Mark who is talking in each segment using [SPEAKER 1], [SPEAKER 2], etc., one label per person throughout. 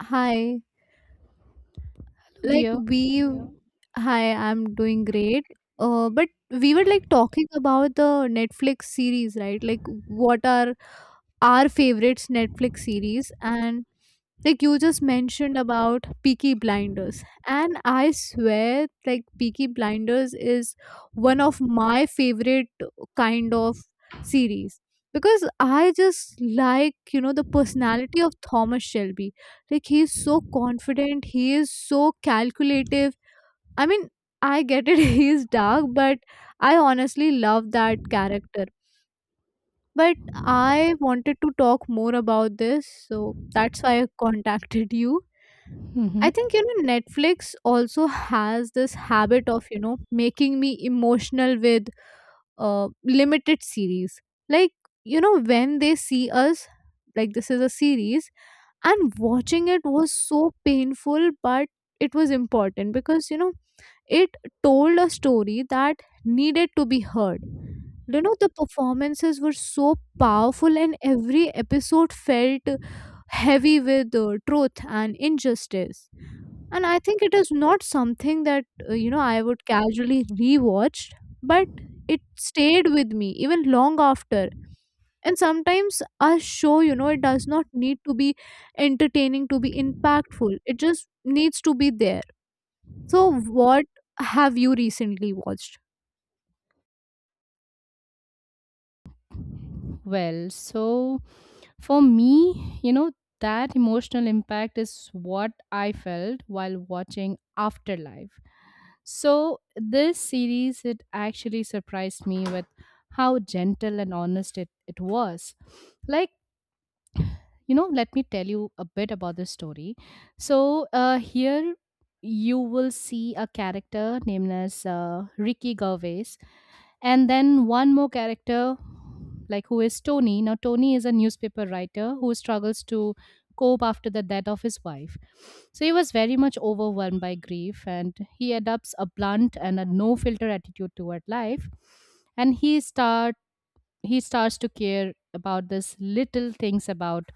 [SPEAKER 1] Hi.
[SPEAKER 2] Oh
[SPEAKER 1] Like
[SPEAKER 2] dear.
[SPEAKER 1] we Yeah. Hi, I'm doing great. But we were like talking about the Netflix series, right? Like what are our favorites Netflix series and like you just mentioned about Peaky Blinders, and I swear like Peaky Blinders is one of my favorite kind of series, because I just like you know the personality of Thomas Shelby. Like he's so confident, he is so calculative. I mean, I get it, he is dark, but I honestly love that character. But I wanted to talk more about this, so that's why I contacted you. I
[SPEAKER 2] hmm
[SPEAKER 1] think you know Netflix also has this habit of you know making me emotional with limited series. Like you know when they see us, like this is a series, and watching it was so painful, but it was important because you know it told a story that needed to be heard. You know the performances were so powerful and every episode felt heavy with truth and injustice, and I think it is not something that you know I would casually rewatch, but it stayed with me even long after. And sometimes a show, you know, it does not need to be entertaining to be impactful, it just needs to be there. So what have you recently watched?
[SPEAKER 2] Well, so for me, you know, that emotional impact is what I felt while watching Afterlife. So this series it actually surprised me with how gentle and honest it was. Like, you know, let me tell you a bit about the story. So here you will see a character named as Ricky Gervais and then one more character like who is Tony. Now Tony is a newspaper writer who struggles to cope after the death of his wife. So he was very much overwhelmed by grief and he adopts a blunt and a no filter attitude toward life. And he starts to care about this little things about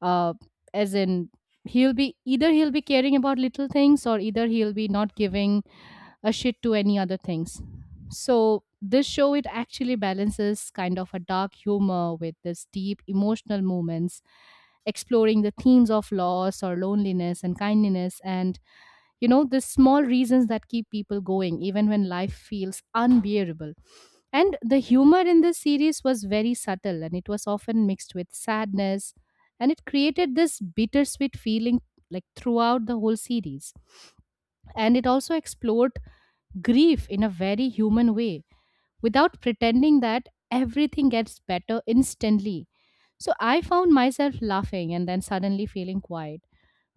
[SPEAKER 2] uh as in he'll be either he'll be caring about little things or either he'll be not giving a shit to any other things. So this show it actually balances kind of a dark humor with this deep emotional moments, exploring the themes of loss or loneliness and kindness and you know the small reasons that keep people going even when life feels unbearable. And the humor in this series was very subtle and it was often mixed with sadness and it created this bittersweet feeling like throughout the whole series. And it also explored grief in a very human way without pretending that everything gets better instantly. So I found myself laughing and then suddenly feeling quiet,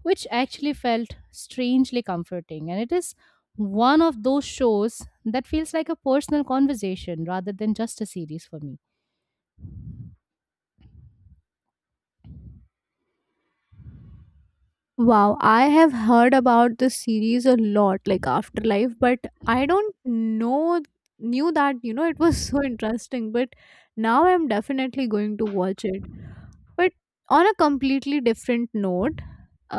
[SPEAKER 2] which actually felt strangely comforting. And it is one of those shows that feels like a personal conversation rather than just a series for me.
[SPEAKER 1] Wow, I have heard about this series a lot, like Afterlife, but I don't know knew that you know it was so interesting, but now I'm definitely going to watch it. But on a completely different note,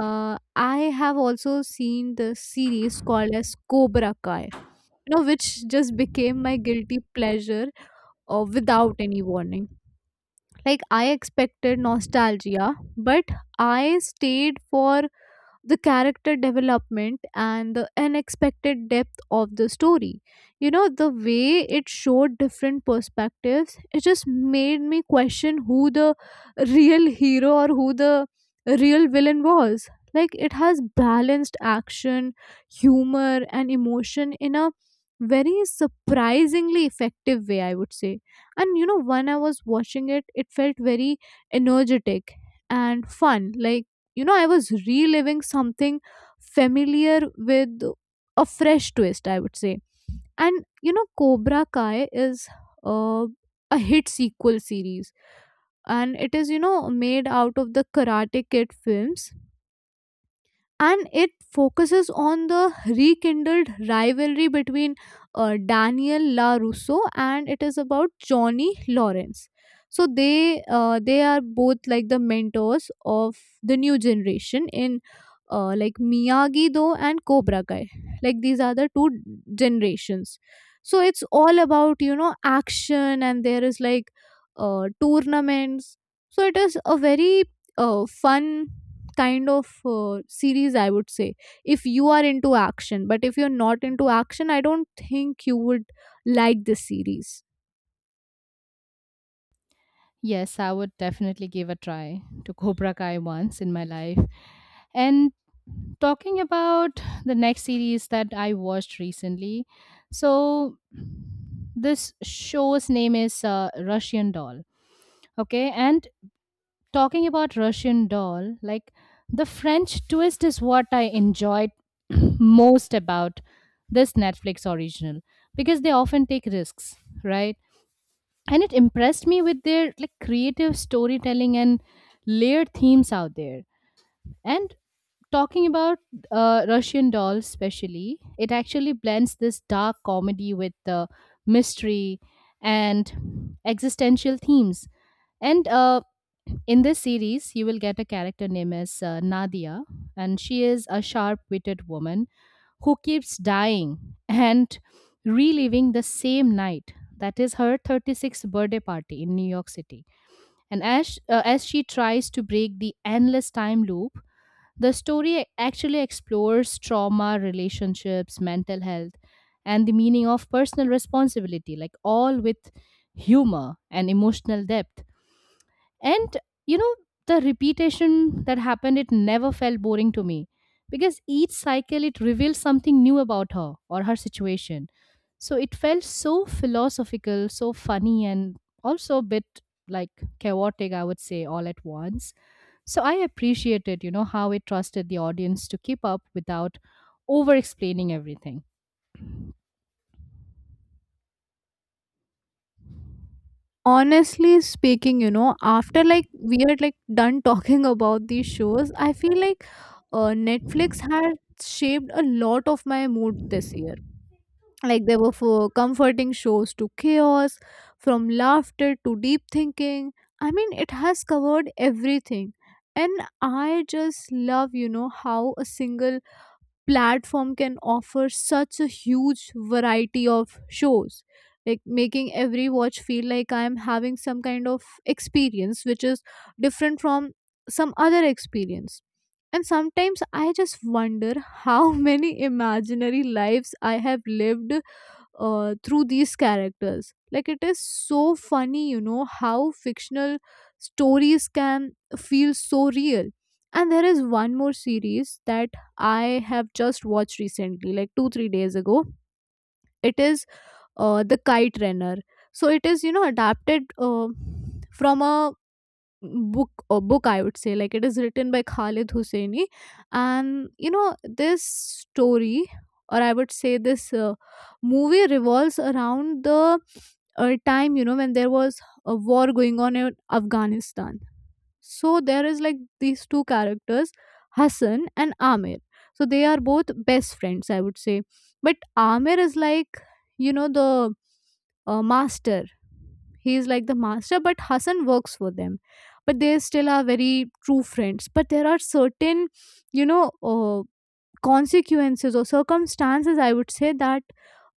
[SPEAKER 1] I have also seen the series called as Cobra Kai, you know, which just became my guilty pleasure without any warning. Like I expected nostalgia, but I stayed for the character development and the unexpected depth of the story. You know, the way it showed different perspectives, it just made me question who the real hero or who the real villain was. Like, it has balanced action, humor, and emotion in a very surprisingly effective way, I would say. And you know, when I was watching it, it felt very energetic and fun. Like, you know, I was reliving something familiar with a fresh twist, I would say. And you know Cobra Kai is uh, a hit sequel series, and it is you know made out of the Karate Kid films, and it focuses on the rekindled rivalry between Daniel LaRusso and it is about Johnny Lawrence. So they are both like the mentors of the new generation in, like Miyagi Do and Cobra Kai. Like these are the two generations. So it's all about you know action and there is like tournaments. So it is a very fun kind of series, I would say, if you are into action, but if you're not into action I don't think you would like this series.
[SPEAKER 2] Yes, I would definitely give a try to Cobra Kai once in my life. And talking about the next series that I watched recently, so this show's name is Russian Doll. Okay, and talking about Russian Doll, like the French twist is what I enjoyed most about this Netflix original because they often take risks, right? And it impressed me with their like creative storytelling and layered themes out there. And talking about Russian Doll especially, it actually blends this dark comedy with the mystery and existential themes. And in this series you will get a character named as Nadia, and she is a sharp-witted woman who keeps dying and reliving the same night. That is her 36th birthday party in New York City. And as she tries to break the endless time loop, the story actually explores trauma, relationships, mental health, and the meaning of personal responsibility, like all with humor and emotional depth. And you know, the repetition that happened it never felt boring to me because each cycle it revealed something new about her or her situation. So it felt so philosophical, so funny, and also a bit like chaotic, I would say, all at once. So I appreciated you know how it trusted the audience to keep up without over explaining everything.
[SPEAKER 1] Honestly speaking, you know, after like we are like done talking about these shows, I feel like Netflix had shaped a lot of my mood this year. Like there were for comforting shows to chaos, from laughter to deep thinking. I mean, it has covered everything. And I just love you know how a single platform can offer such a huge variety of shows, like making every watch feel like I am having some kind of experience which is different from some other experience. And sometimes I just wonder how many imaginary lives I have lived through these characters. Like it is so funny, you know, how fictional stories can feel so real. And there is one more series that I have just watched recently, like two, 3 days ago. It is The Kite Runner. So it is, you know, adapted from a book or book, I would say. Like it is written by Khalid Husseini, and you know this story or I would say this movie revolves around the time you know when there was a war going on in Afghanistan. So there is like these two characters, Hassan and Amir. So they are both best friends, I would say. But Amir is like, you know, the master. He is like the master, but Hassan works for them. But they still are very true friends. But there are certain, you know, consequences or circumstances I would say that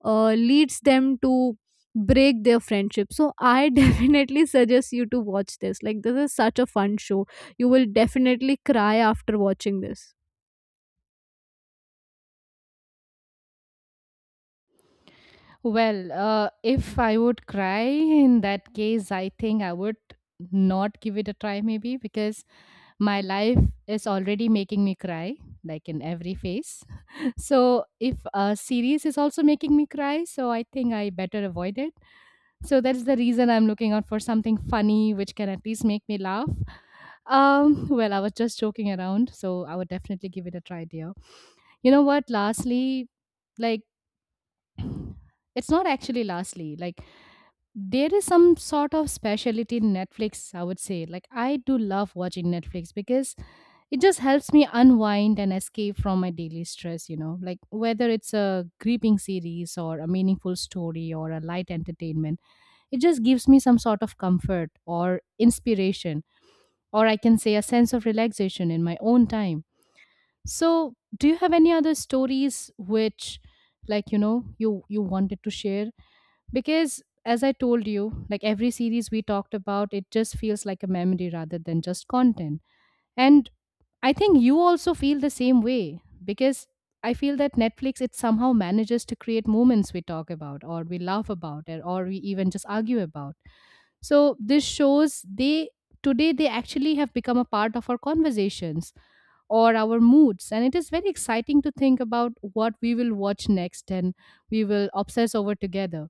[SPEAKER 1] leads them to break their friendship. So I definitely suggest you to watch this, like this is such a fun show. You will definitely cry after watching this.
[SPEAKER 2] Well, if I would cry in that case I think I would not give it a try maybe because my life is already making me cry like in every phase. So if a series is also making me cry, so I think I better avoid it. So that's the reason I'm looking out for something funny which can at least make me laugh. Well, I was just joking around, so I would definitely give it a try, dear. You know what, lastly, like it's not actually lastly. Like there is some sort of specialty in Netflix, I would say. Like, I do love watching Netflix because it just helps me unwind and escape from my daily stress, you know. Like, whether it's a gripping series or a meaningful story or a light entertainment, it just gives me some sort of comfort or inspiration, or I can say a sense of relaxation in my own time. So, do you have any other stories which, like, you know, you wanted to share? Because as I told you, like every series we talked about it just feels like a memory rather than just content. And I think you also feel the same way, because I feel that Netflix it somehow manages to create moments we talk about or we laugh about or we even just argue about. So this shows they today they actually have become a part of our conversations or our moods. And it is very exciting to think about what we will watch next and we will obsess over together.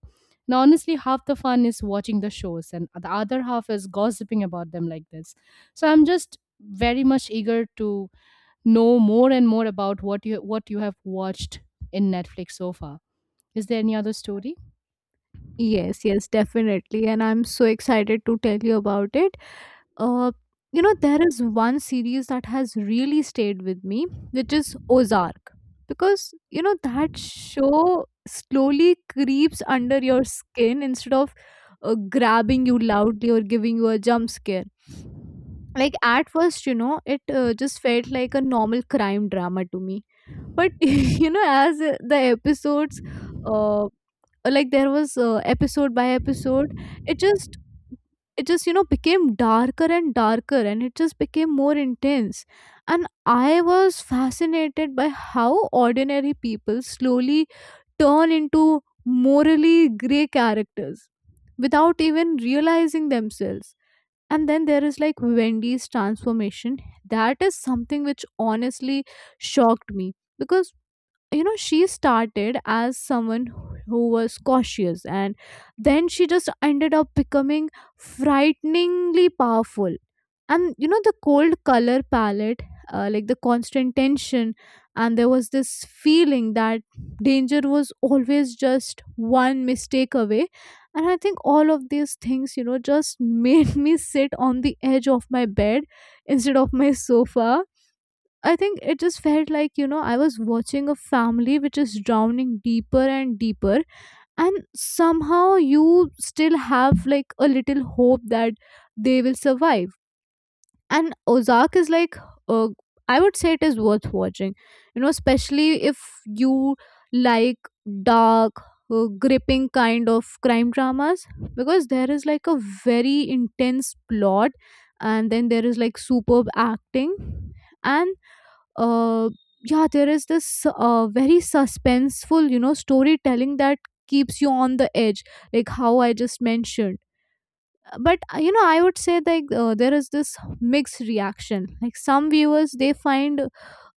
[SPEAKER 2] Now, honestly, half the fun is watching the shows, and the other half is gossiping about them like this. So I'm just very much eager to know more and more about what you have watched in Netflix so far. Is there any other story?
[SPEAKER 1] Yes, yes, definitely, and I'm so excited to tell you about it. Uh, you know, there is one series that has really stayed with me, which is Ozark. Because, you know, that show slowly creeps under your skin instead of grabbing you loudly or giving you a jump scare. Like, at first, you know, it just felt like a normal crime drama to me, but you know as the episodes uh like there was episode by episode, it just it just you know became darker and darker, and it just became more intense. And I was fascinated by how ordinary people slowly turn into morally gray characters without even realizing themselves. And then there is like Wendy's transformation, that is something which honestly shocked me, because you know she started as someone who was cautious, and then she just ended up becoming frighteningly powerful. And you know the cold color palette, like the constant tension, and there was this feeling that danger was always just one mistake away. And I think all of these things you know just made me sit on the edge of my bed instead of my sofa. I think it just felt like, you know, I was watching a family which is drowning deeper and deeper. And somehow you still have like a little hope that they will survive. And Ozark is like, uh, I would say it is worth watching, you know, especially if you like dark, gripping kind of crime dramas, because there is like a very intense plot, and then there is like superb acting. And uh, yeah, there is this very suspenseful, you know, storytelling that keeps you on the edge, like how I just mentioned. But you know, I would say like there is this mixed reaction. Like some viewers, they find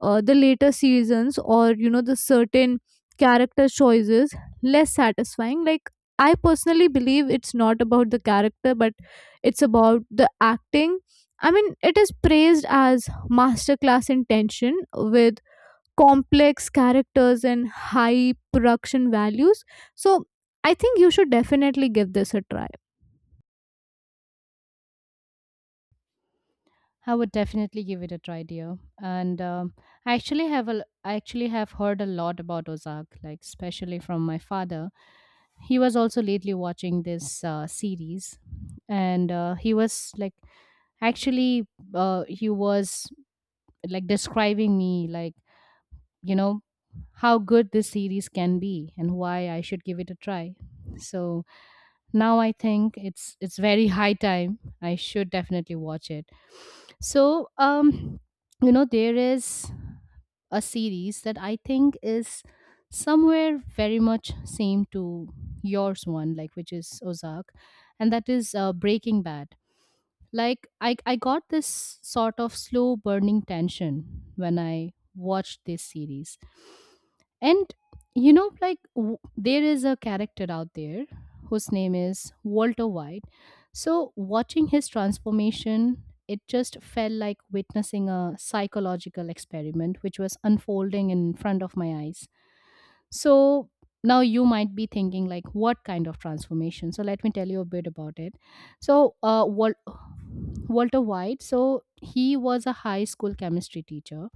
[SPEAKER 1] the later seasons or you know the certain character choices less satisfying. Like I personally believe it's not about the character, but it's about the acting. I mean, it is praised as masterclass in tension with complex characters and high production values. So I think you should definitely give this a try.
[SPEAKER 2] I would definitely give it a try, dear. And I actually have a I actually have heard a lot about Ozark, like especially from my father. He was also lately watching this series. And he was like actually he was like describing me like, you know, how good this series can be and why I should give it a try. So now I think it's very high time I should definitely watch it. So you know, there is a series that I think is somewhere very much same to yours one, like which is Ozark, and that is Breaking Bad. Like I got this sort of slow burning tension when I watched this series. And you know like there is a character out there whose name is Walter White. So watching his transformation it just felt like witnessing a psychological experiment which was unfolding in front of my eyes. So now you might be thinking, like, what kind of transformation? So let me tell you a bit about it. So Walter White, so he was a high school chemistry teacher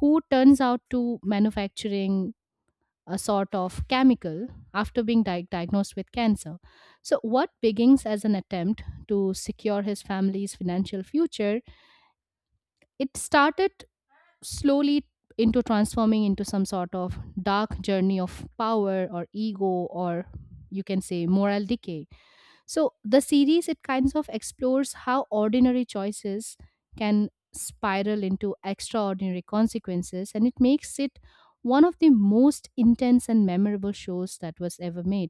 [SPEAKER 2] who turns out to manufacturing a sort of chemical after being diagnosed with cancer. So what begins as an attempt to secure his family's financial future, it started slowly into transforming into some sort of dark journey of power or ego or you can say moral decay. So the series it kinds of explores how ordinary choices can spiral into extraordinary consequences, and it makes it one of the most intense and memorable shows that was ever made.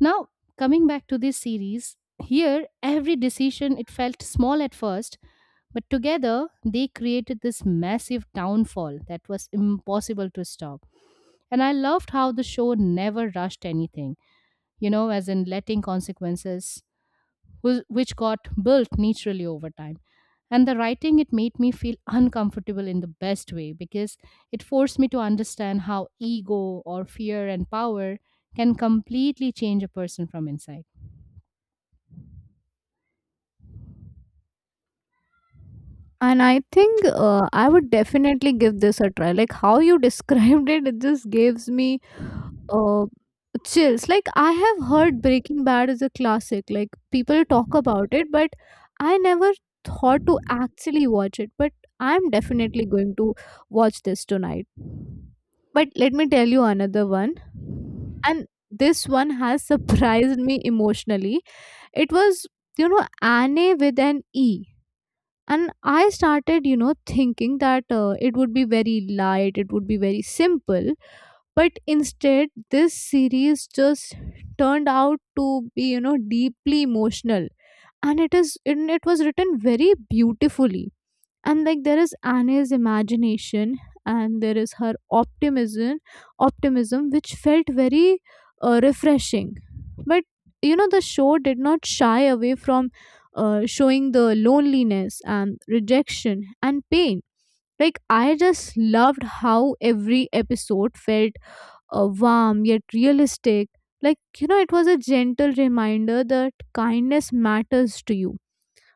[SPEAKER 2] Now coming back to this series, here every decision it felt small at first, but together, they created this massive downfall that was impossible to stop. And I loved how the show never rushed anything, you know, as in letting consequences, which got built naturally over time. And the writing, it made me feel uncomfortable in the best way because it forced me to understand how ego or fear and power can completely change a person from inside.
[SPEAKER 1] And I think I would definitely give this a try. Like how you described it, it just gives me uh, chills. Like I have heard Breaking Bad is a classic. Like people talk about it, but I never thought to actually watch it. But I'm definitely going to watch this tonight. But let me tell you another one, and this one has surprised me emotionally. It was you know Anne with an E. And I started you know thinking that it would be very light, it would be very simple, but instead this series just turned out to be you know deeply emotional, and it is and it was written very beautifully. And like there is Annie's imagination, and there is her optimism optimism which felt very refreshing. But you know the show did not shy away from showing the loneliness and rejection and pain. Like I just loved how every episode felt warm yet realistic. Like you know it was a gentle reminder that kindness matters to you.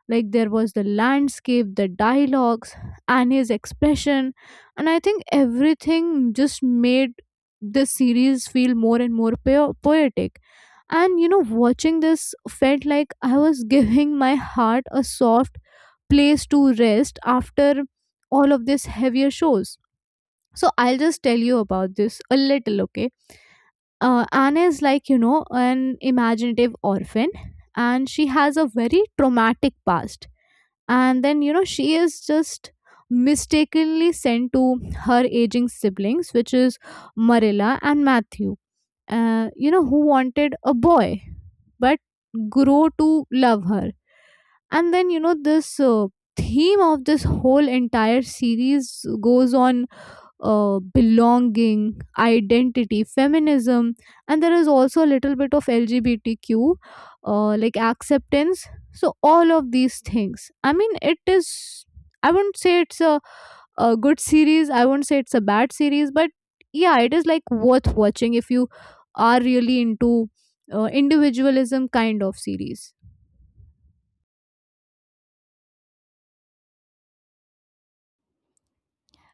[SPEAKER 1] Like there was the landscape, the dialogues, and his expression, and I think everything just made this series feel more and more poetic. And you know watching this felt like I was giving my heart a soft place to rest after all of these heavier shows. So I'll just tell you about this a little, okay. Anna is like you know an imaginative orphan, and she has a very traumatic past. And then you know she is just mistakenly sent to her aging siblings, which is Marilla and Matthew, you know, who wanted a boy, but grow to love her. And then you know this theme of this whole entire series goes on, belonging, identity, feminism, and there is also a little bit of LGBTQ, like acceptance. So, all of these things. I mean, it is, I wouldn't say it's a good series, I wouldn't say it's a bad series, but yeah, it is like worth watching if you are really into individualism kind of series.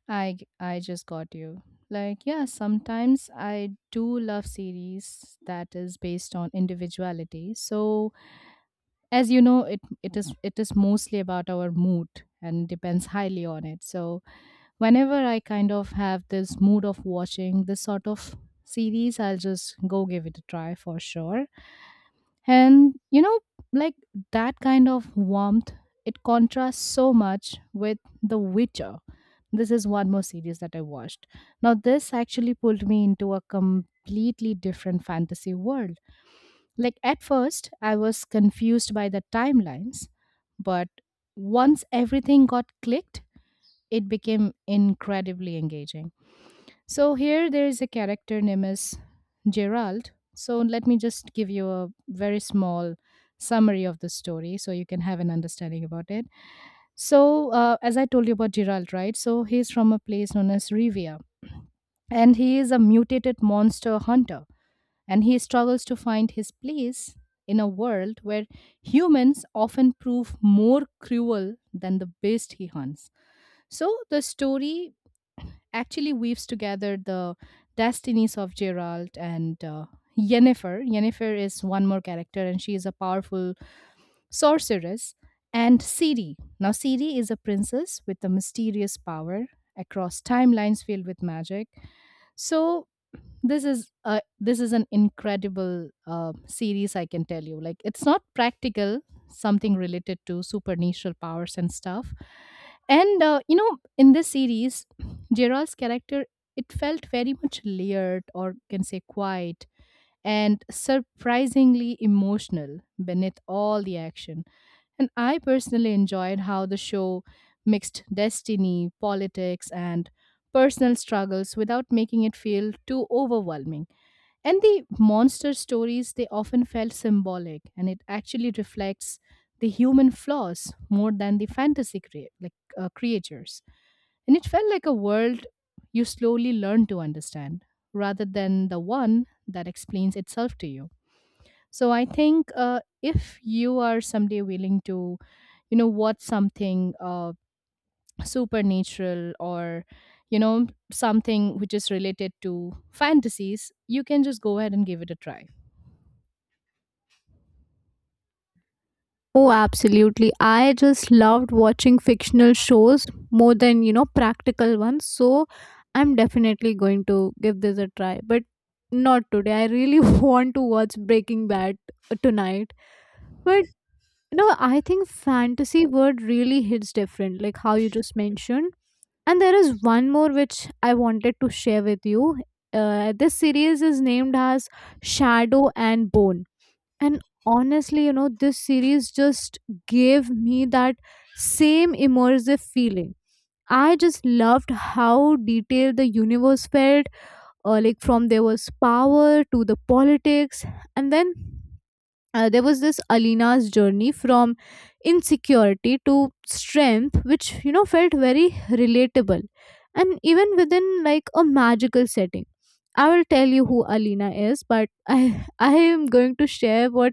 [SPEAKER 2] I just got you. Like yeah, sometimes I do love series that is based on individuality. So as you know, it it is mostly about our mood and depends highly on it. So whenever I kind of have this mood of watching this sort of series, I'll just go give it a try for sure. And you know, like that kind of warmth, it contrasts so much with The Witcher. This is one more series that I watched. Now, this actually pulled me into a completely different fantasy world. Like, at first, I was confused by the timelines, but once everything got clicked, it became incredibly engaging. So here there is a character named as Gerald. So let me just give you a very small summary of the story so you can have an understanding about it. So as I told you about Gerald, right? So he's from a place known as Rivia, and he is a mutated monster hunter and he struggles to find his place in a world where humans often prove more cruel than the beast he hunts. So the story actually weaves together the destinies of Gerald and Yennefer. Yennefer is one more character, and she is a powerful sorceress, and Ciri. Now, Ciri is a princess with a mysterious power across timelines filled with magic. So, this is a this is an incredible series. I can tell you, like it's not practical, something related to supernatural powers and stuff. And you know, in this series, Gerald's character it felt very much layered, or can say quiet, and surprisingly emotional beneath all the action. And I personally enjoyed how the show mixed destiny, politics, and personal struggles without making it feel too overwhelming. And the monster stories, they often felt symbolic, and it actually reflects the human flaws more than the fantasy like creatures. And it felt like a world you slowly learn to understand rather than the one that explains itself to you. So I think if you are someday willing to, you know, watch something supernatural or, you know, something which is related to fantasies, you can just go ahead and give it a try.
[SPEAKER 1] Oh, absolutely. I just loved watching fictional shows more than, you know, practical ones. So I'm definitely going to give this a try. But not today. I really want to watch Breaking Bad tonight. But, you know, I think fantasy word really hits different, like how you just mentioned. And there is one more which I wanted to share with you. This series is named as Shadow and Bone, and honestly, you know, this series just gave me that same immersive feeling. I just loved how detailed the universe felt. Like from there was power to the politics, and then there was this Alina's journey from insecurity to strength, which you know felt very relatable, and even within like a magical setting. I will tell you who Alina is, but I I am going to share what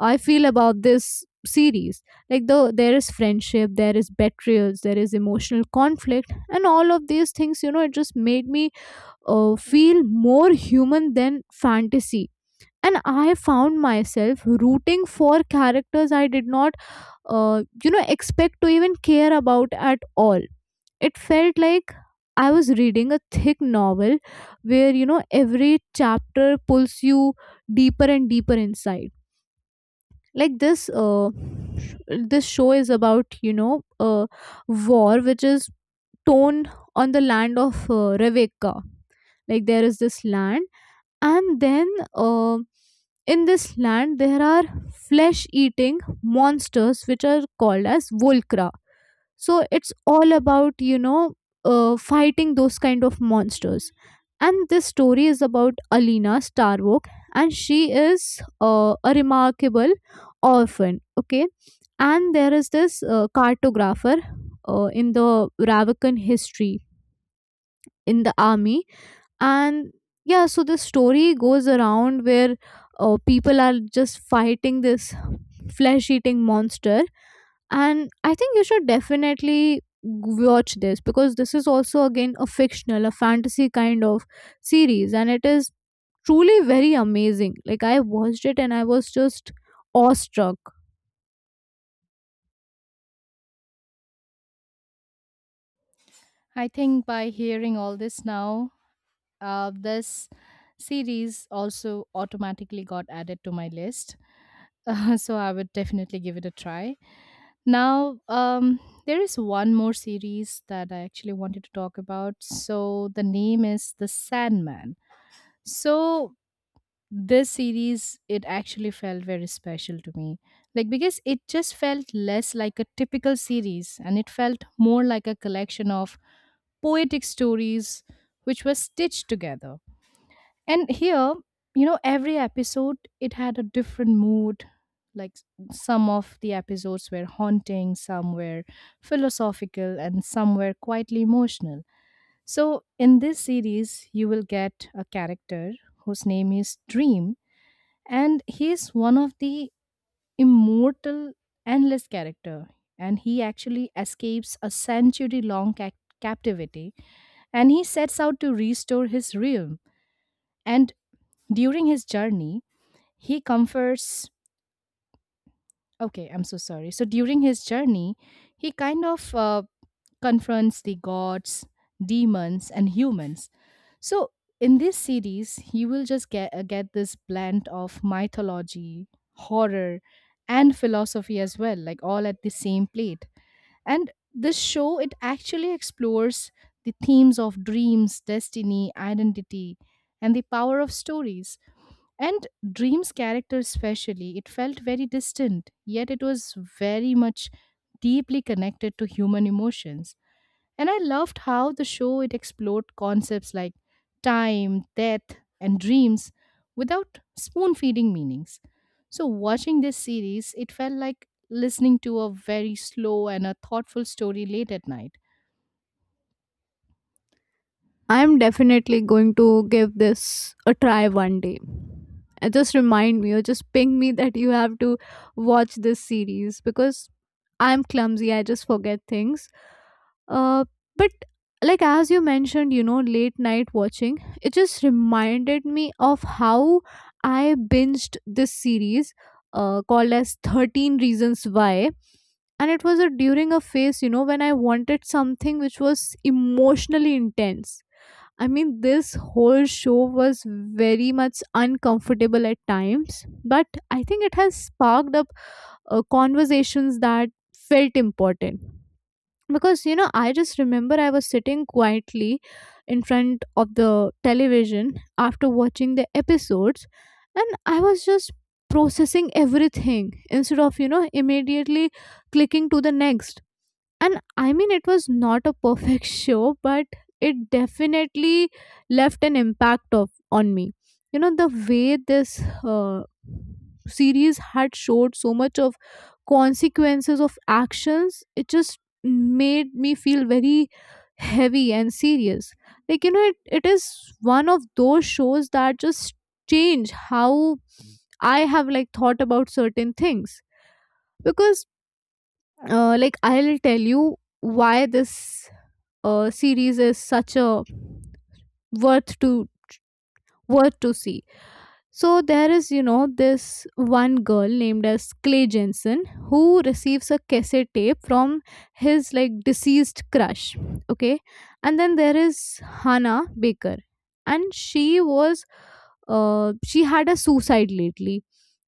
[SPEAKER 1] I feel about this series. Like though there is friendship, there is betrayals, there is emotional conflict, and all of these things, you know, it just made me feel more human than fantasy. And I found myself rooting for characters I did not, you know, expect to even care about at all. It felt like I was reading a thick novel where, you know, every chapter pulls you deeper and deeper inside, like this show is about, you know, war which is torn on the land of Rebecca. Like there is this land, and then uh, in this land there are flesh eating monsters which are called as volcra. So it's all about, you know, fighting those kind of monsters. And this story is about Alina Starbuck, and she is a remarkable orphan, okay? And there is this cartographer in the Ravikan history, in the army. And yeah, so the story goes around where people are just fighting this flesh eating monster. And I think you should definitely watch this, because this is also again a fictional, a fantasy kind of series, and it is truly very amazing. Like I watched it and I was just awestruck.
[SPEAKER 2] I think by hearing all this now, this series also automatically got added to my list. So I would definitely give it a try. Now, there is one more series that I actually wanted to talk about. So the name is The Sandman. So this series it actually felt very special to me, like because it just felt less like a typical series and it felt more like a collection of poetic stories which were stitched together. And here, you know, every episode it had a different mood. Like some of the episodes were haunting, some were philosophical, and some were quietly emotional. So, in this series, you will get a character whose name is Dream, and he is one of the immortal, endless character. And he actually escapes a century-long captivity, and he sets out to restore his realm. And during his journey, he comforts. Okay, I'm so sorry. So during his journey, he kind of confronts the gods, demons, and humans. So in this series, you will just get this blend of mythology, horror, and philosophy as well, like all at the same plate. And this show it actually explores the themes of dreams, destiny, identity, and the power of stories. And Dream's character, especially, it felt very distant, yet it was very much deeply connected to human emotions. And I loved how the show it explored concepts like time, death, and dreams without spoon feeding meanings. So watching this series, it felt like listening to a very slow and a thoughtful story late at night.
[SPEAKER 1] I'm definitely going to give this a try one day. Just remind me or just ping me that you have to watch this series because I'm clumsy. I just forget things. Uh, but like as you mentioned, you know, late night watching, it just reminded me of how I binged this series called as 13 Reasons Why. And it was a, during a phase, you know, when I wanted something which was emotionally intense. I mean, this whole show was very much uncomfortable at times, but I think it has sparked up conversations that felt important. Because, you know, I just remember I was sitting quietly in front of the television after watching the episodes, and I was just processing everything instead of, you know, immediately clicking to the next. And I mean, it was not a perfect show, but it definitely left an impact of on me. You know, the way this uh, series had showed so much of consequences of actions, it just made me feel very heavy and serious. Like, you know, it is one of those shows that just change how I have like thought about certain things. Because like I'll tell you why this series is such a worth to worth to see. So there is, you know, this one girl named as Clay Jensen who receives a cassette tape from his like deceased crush. Okay. And then there is Hannah Baker. And she was she had a suicide lately.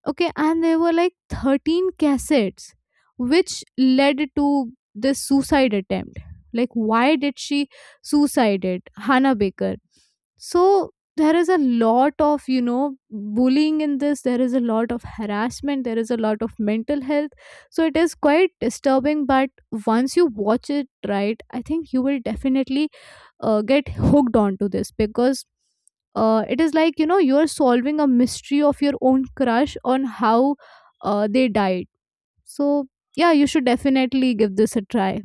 [SPEAKER 1] Okay, and there were like 13 cassettes which led to this suicide attempt. Like why did she suicide it? Hannah Baker. So there is a lot of, you know, bullying in this. There is a lot of harassment. There is a lot of mental health. So it is quite disturbing. But once you watch it, right, I think you will definitely get hooked onto this, because it is like, you know, you're solving a mystery of your own crush on how they died. So yeah, you should definitely give this a try.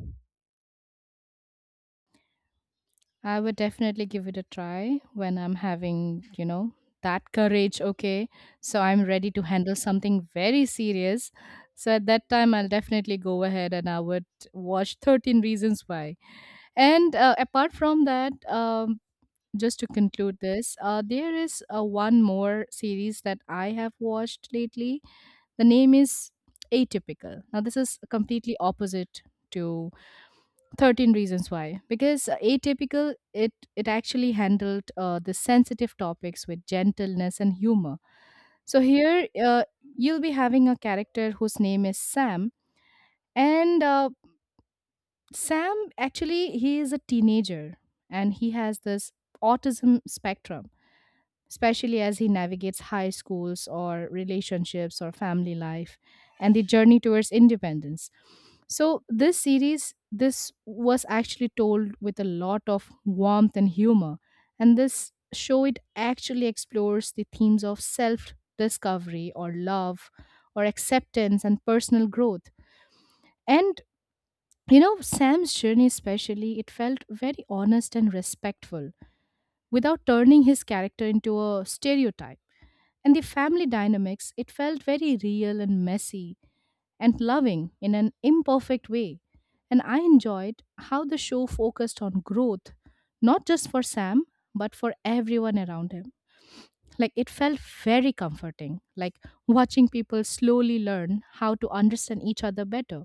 [SPEAKER 2] I would definitely give it a try when I'm having, you know, that courage. Okay. So I'm ready to handle something very serious. So at that time, I'll definitely go ahead and I would watch 13 Reasons Why. And apart from that, just to conclude this, there is one more series that I have watched lately. The name is Atypical. Now, this is completely opposite to 13 Reasons Why, because Atypical it actually handled the sensitive topics with gentleness and humor. So here, you'll be having a character whose name is Sam. And Sam actually, he is a teenager, and he has this autism spectrum, especially as he navigates high schools or relationships or family life and the journey towards independence. So, this series, this was actually told with a lot of warmth and humor. And this show, it actually explores the themes of self discovery or love or acceptance and personal growth. And, you know, Sam's journey, especially, it felt very honest and respectful without turning his character into a stereotype. And the family dynamics, it felt very real and messy and loving in an imperfect way. And I enjoyed how the show focused on growth, not just for Sam, but for everyone around him. Like it felt very comforting, like watching people slowly learn how to understand each other better.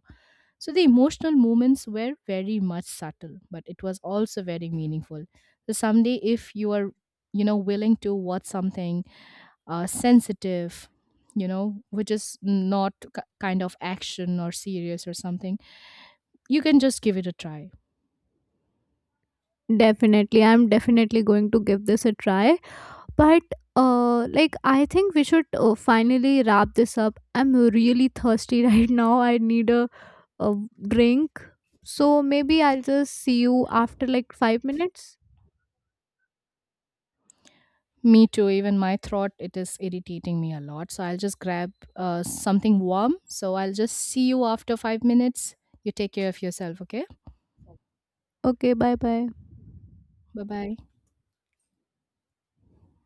[SPEAKER 2] So the emotional moments were very much subtle, but it was also very meaningful. So someday, if you are, you know, willing to watch something sensitive, you know, which is not kind of action or serious or something, you can just give it a try.
[SPEAKER 1] Definitely i'm definitely going to give this a try. But like I think we should finally wrap this up. I'm really thirsty right now. I need a drink. So maybe I'll just see you after like 5 minutes.
[SPEAKER 2] Me too, even my throat it is irritating me a lot, so I'll just grab something warm. So I'll just see you after 5 minutes. You take care of yourself, okay?
[SPEAKER 1] Okay, bye bye.
[SPEAKER 2] Bye bye.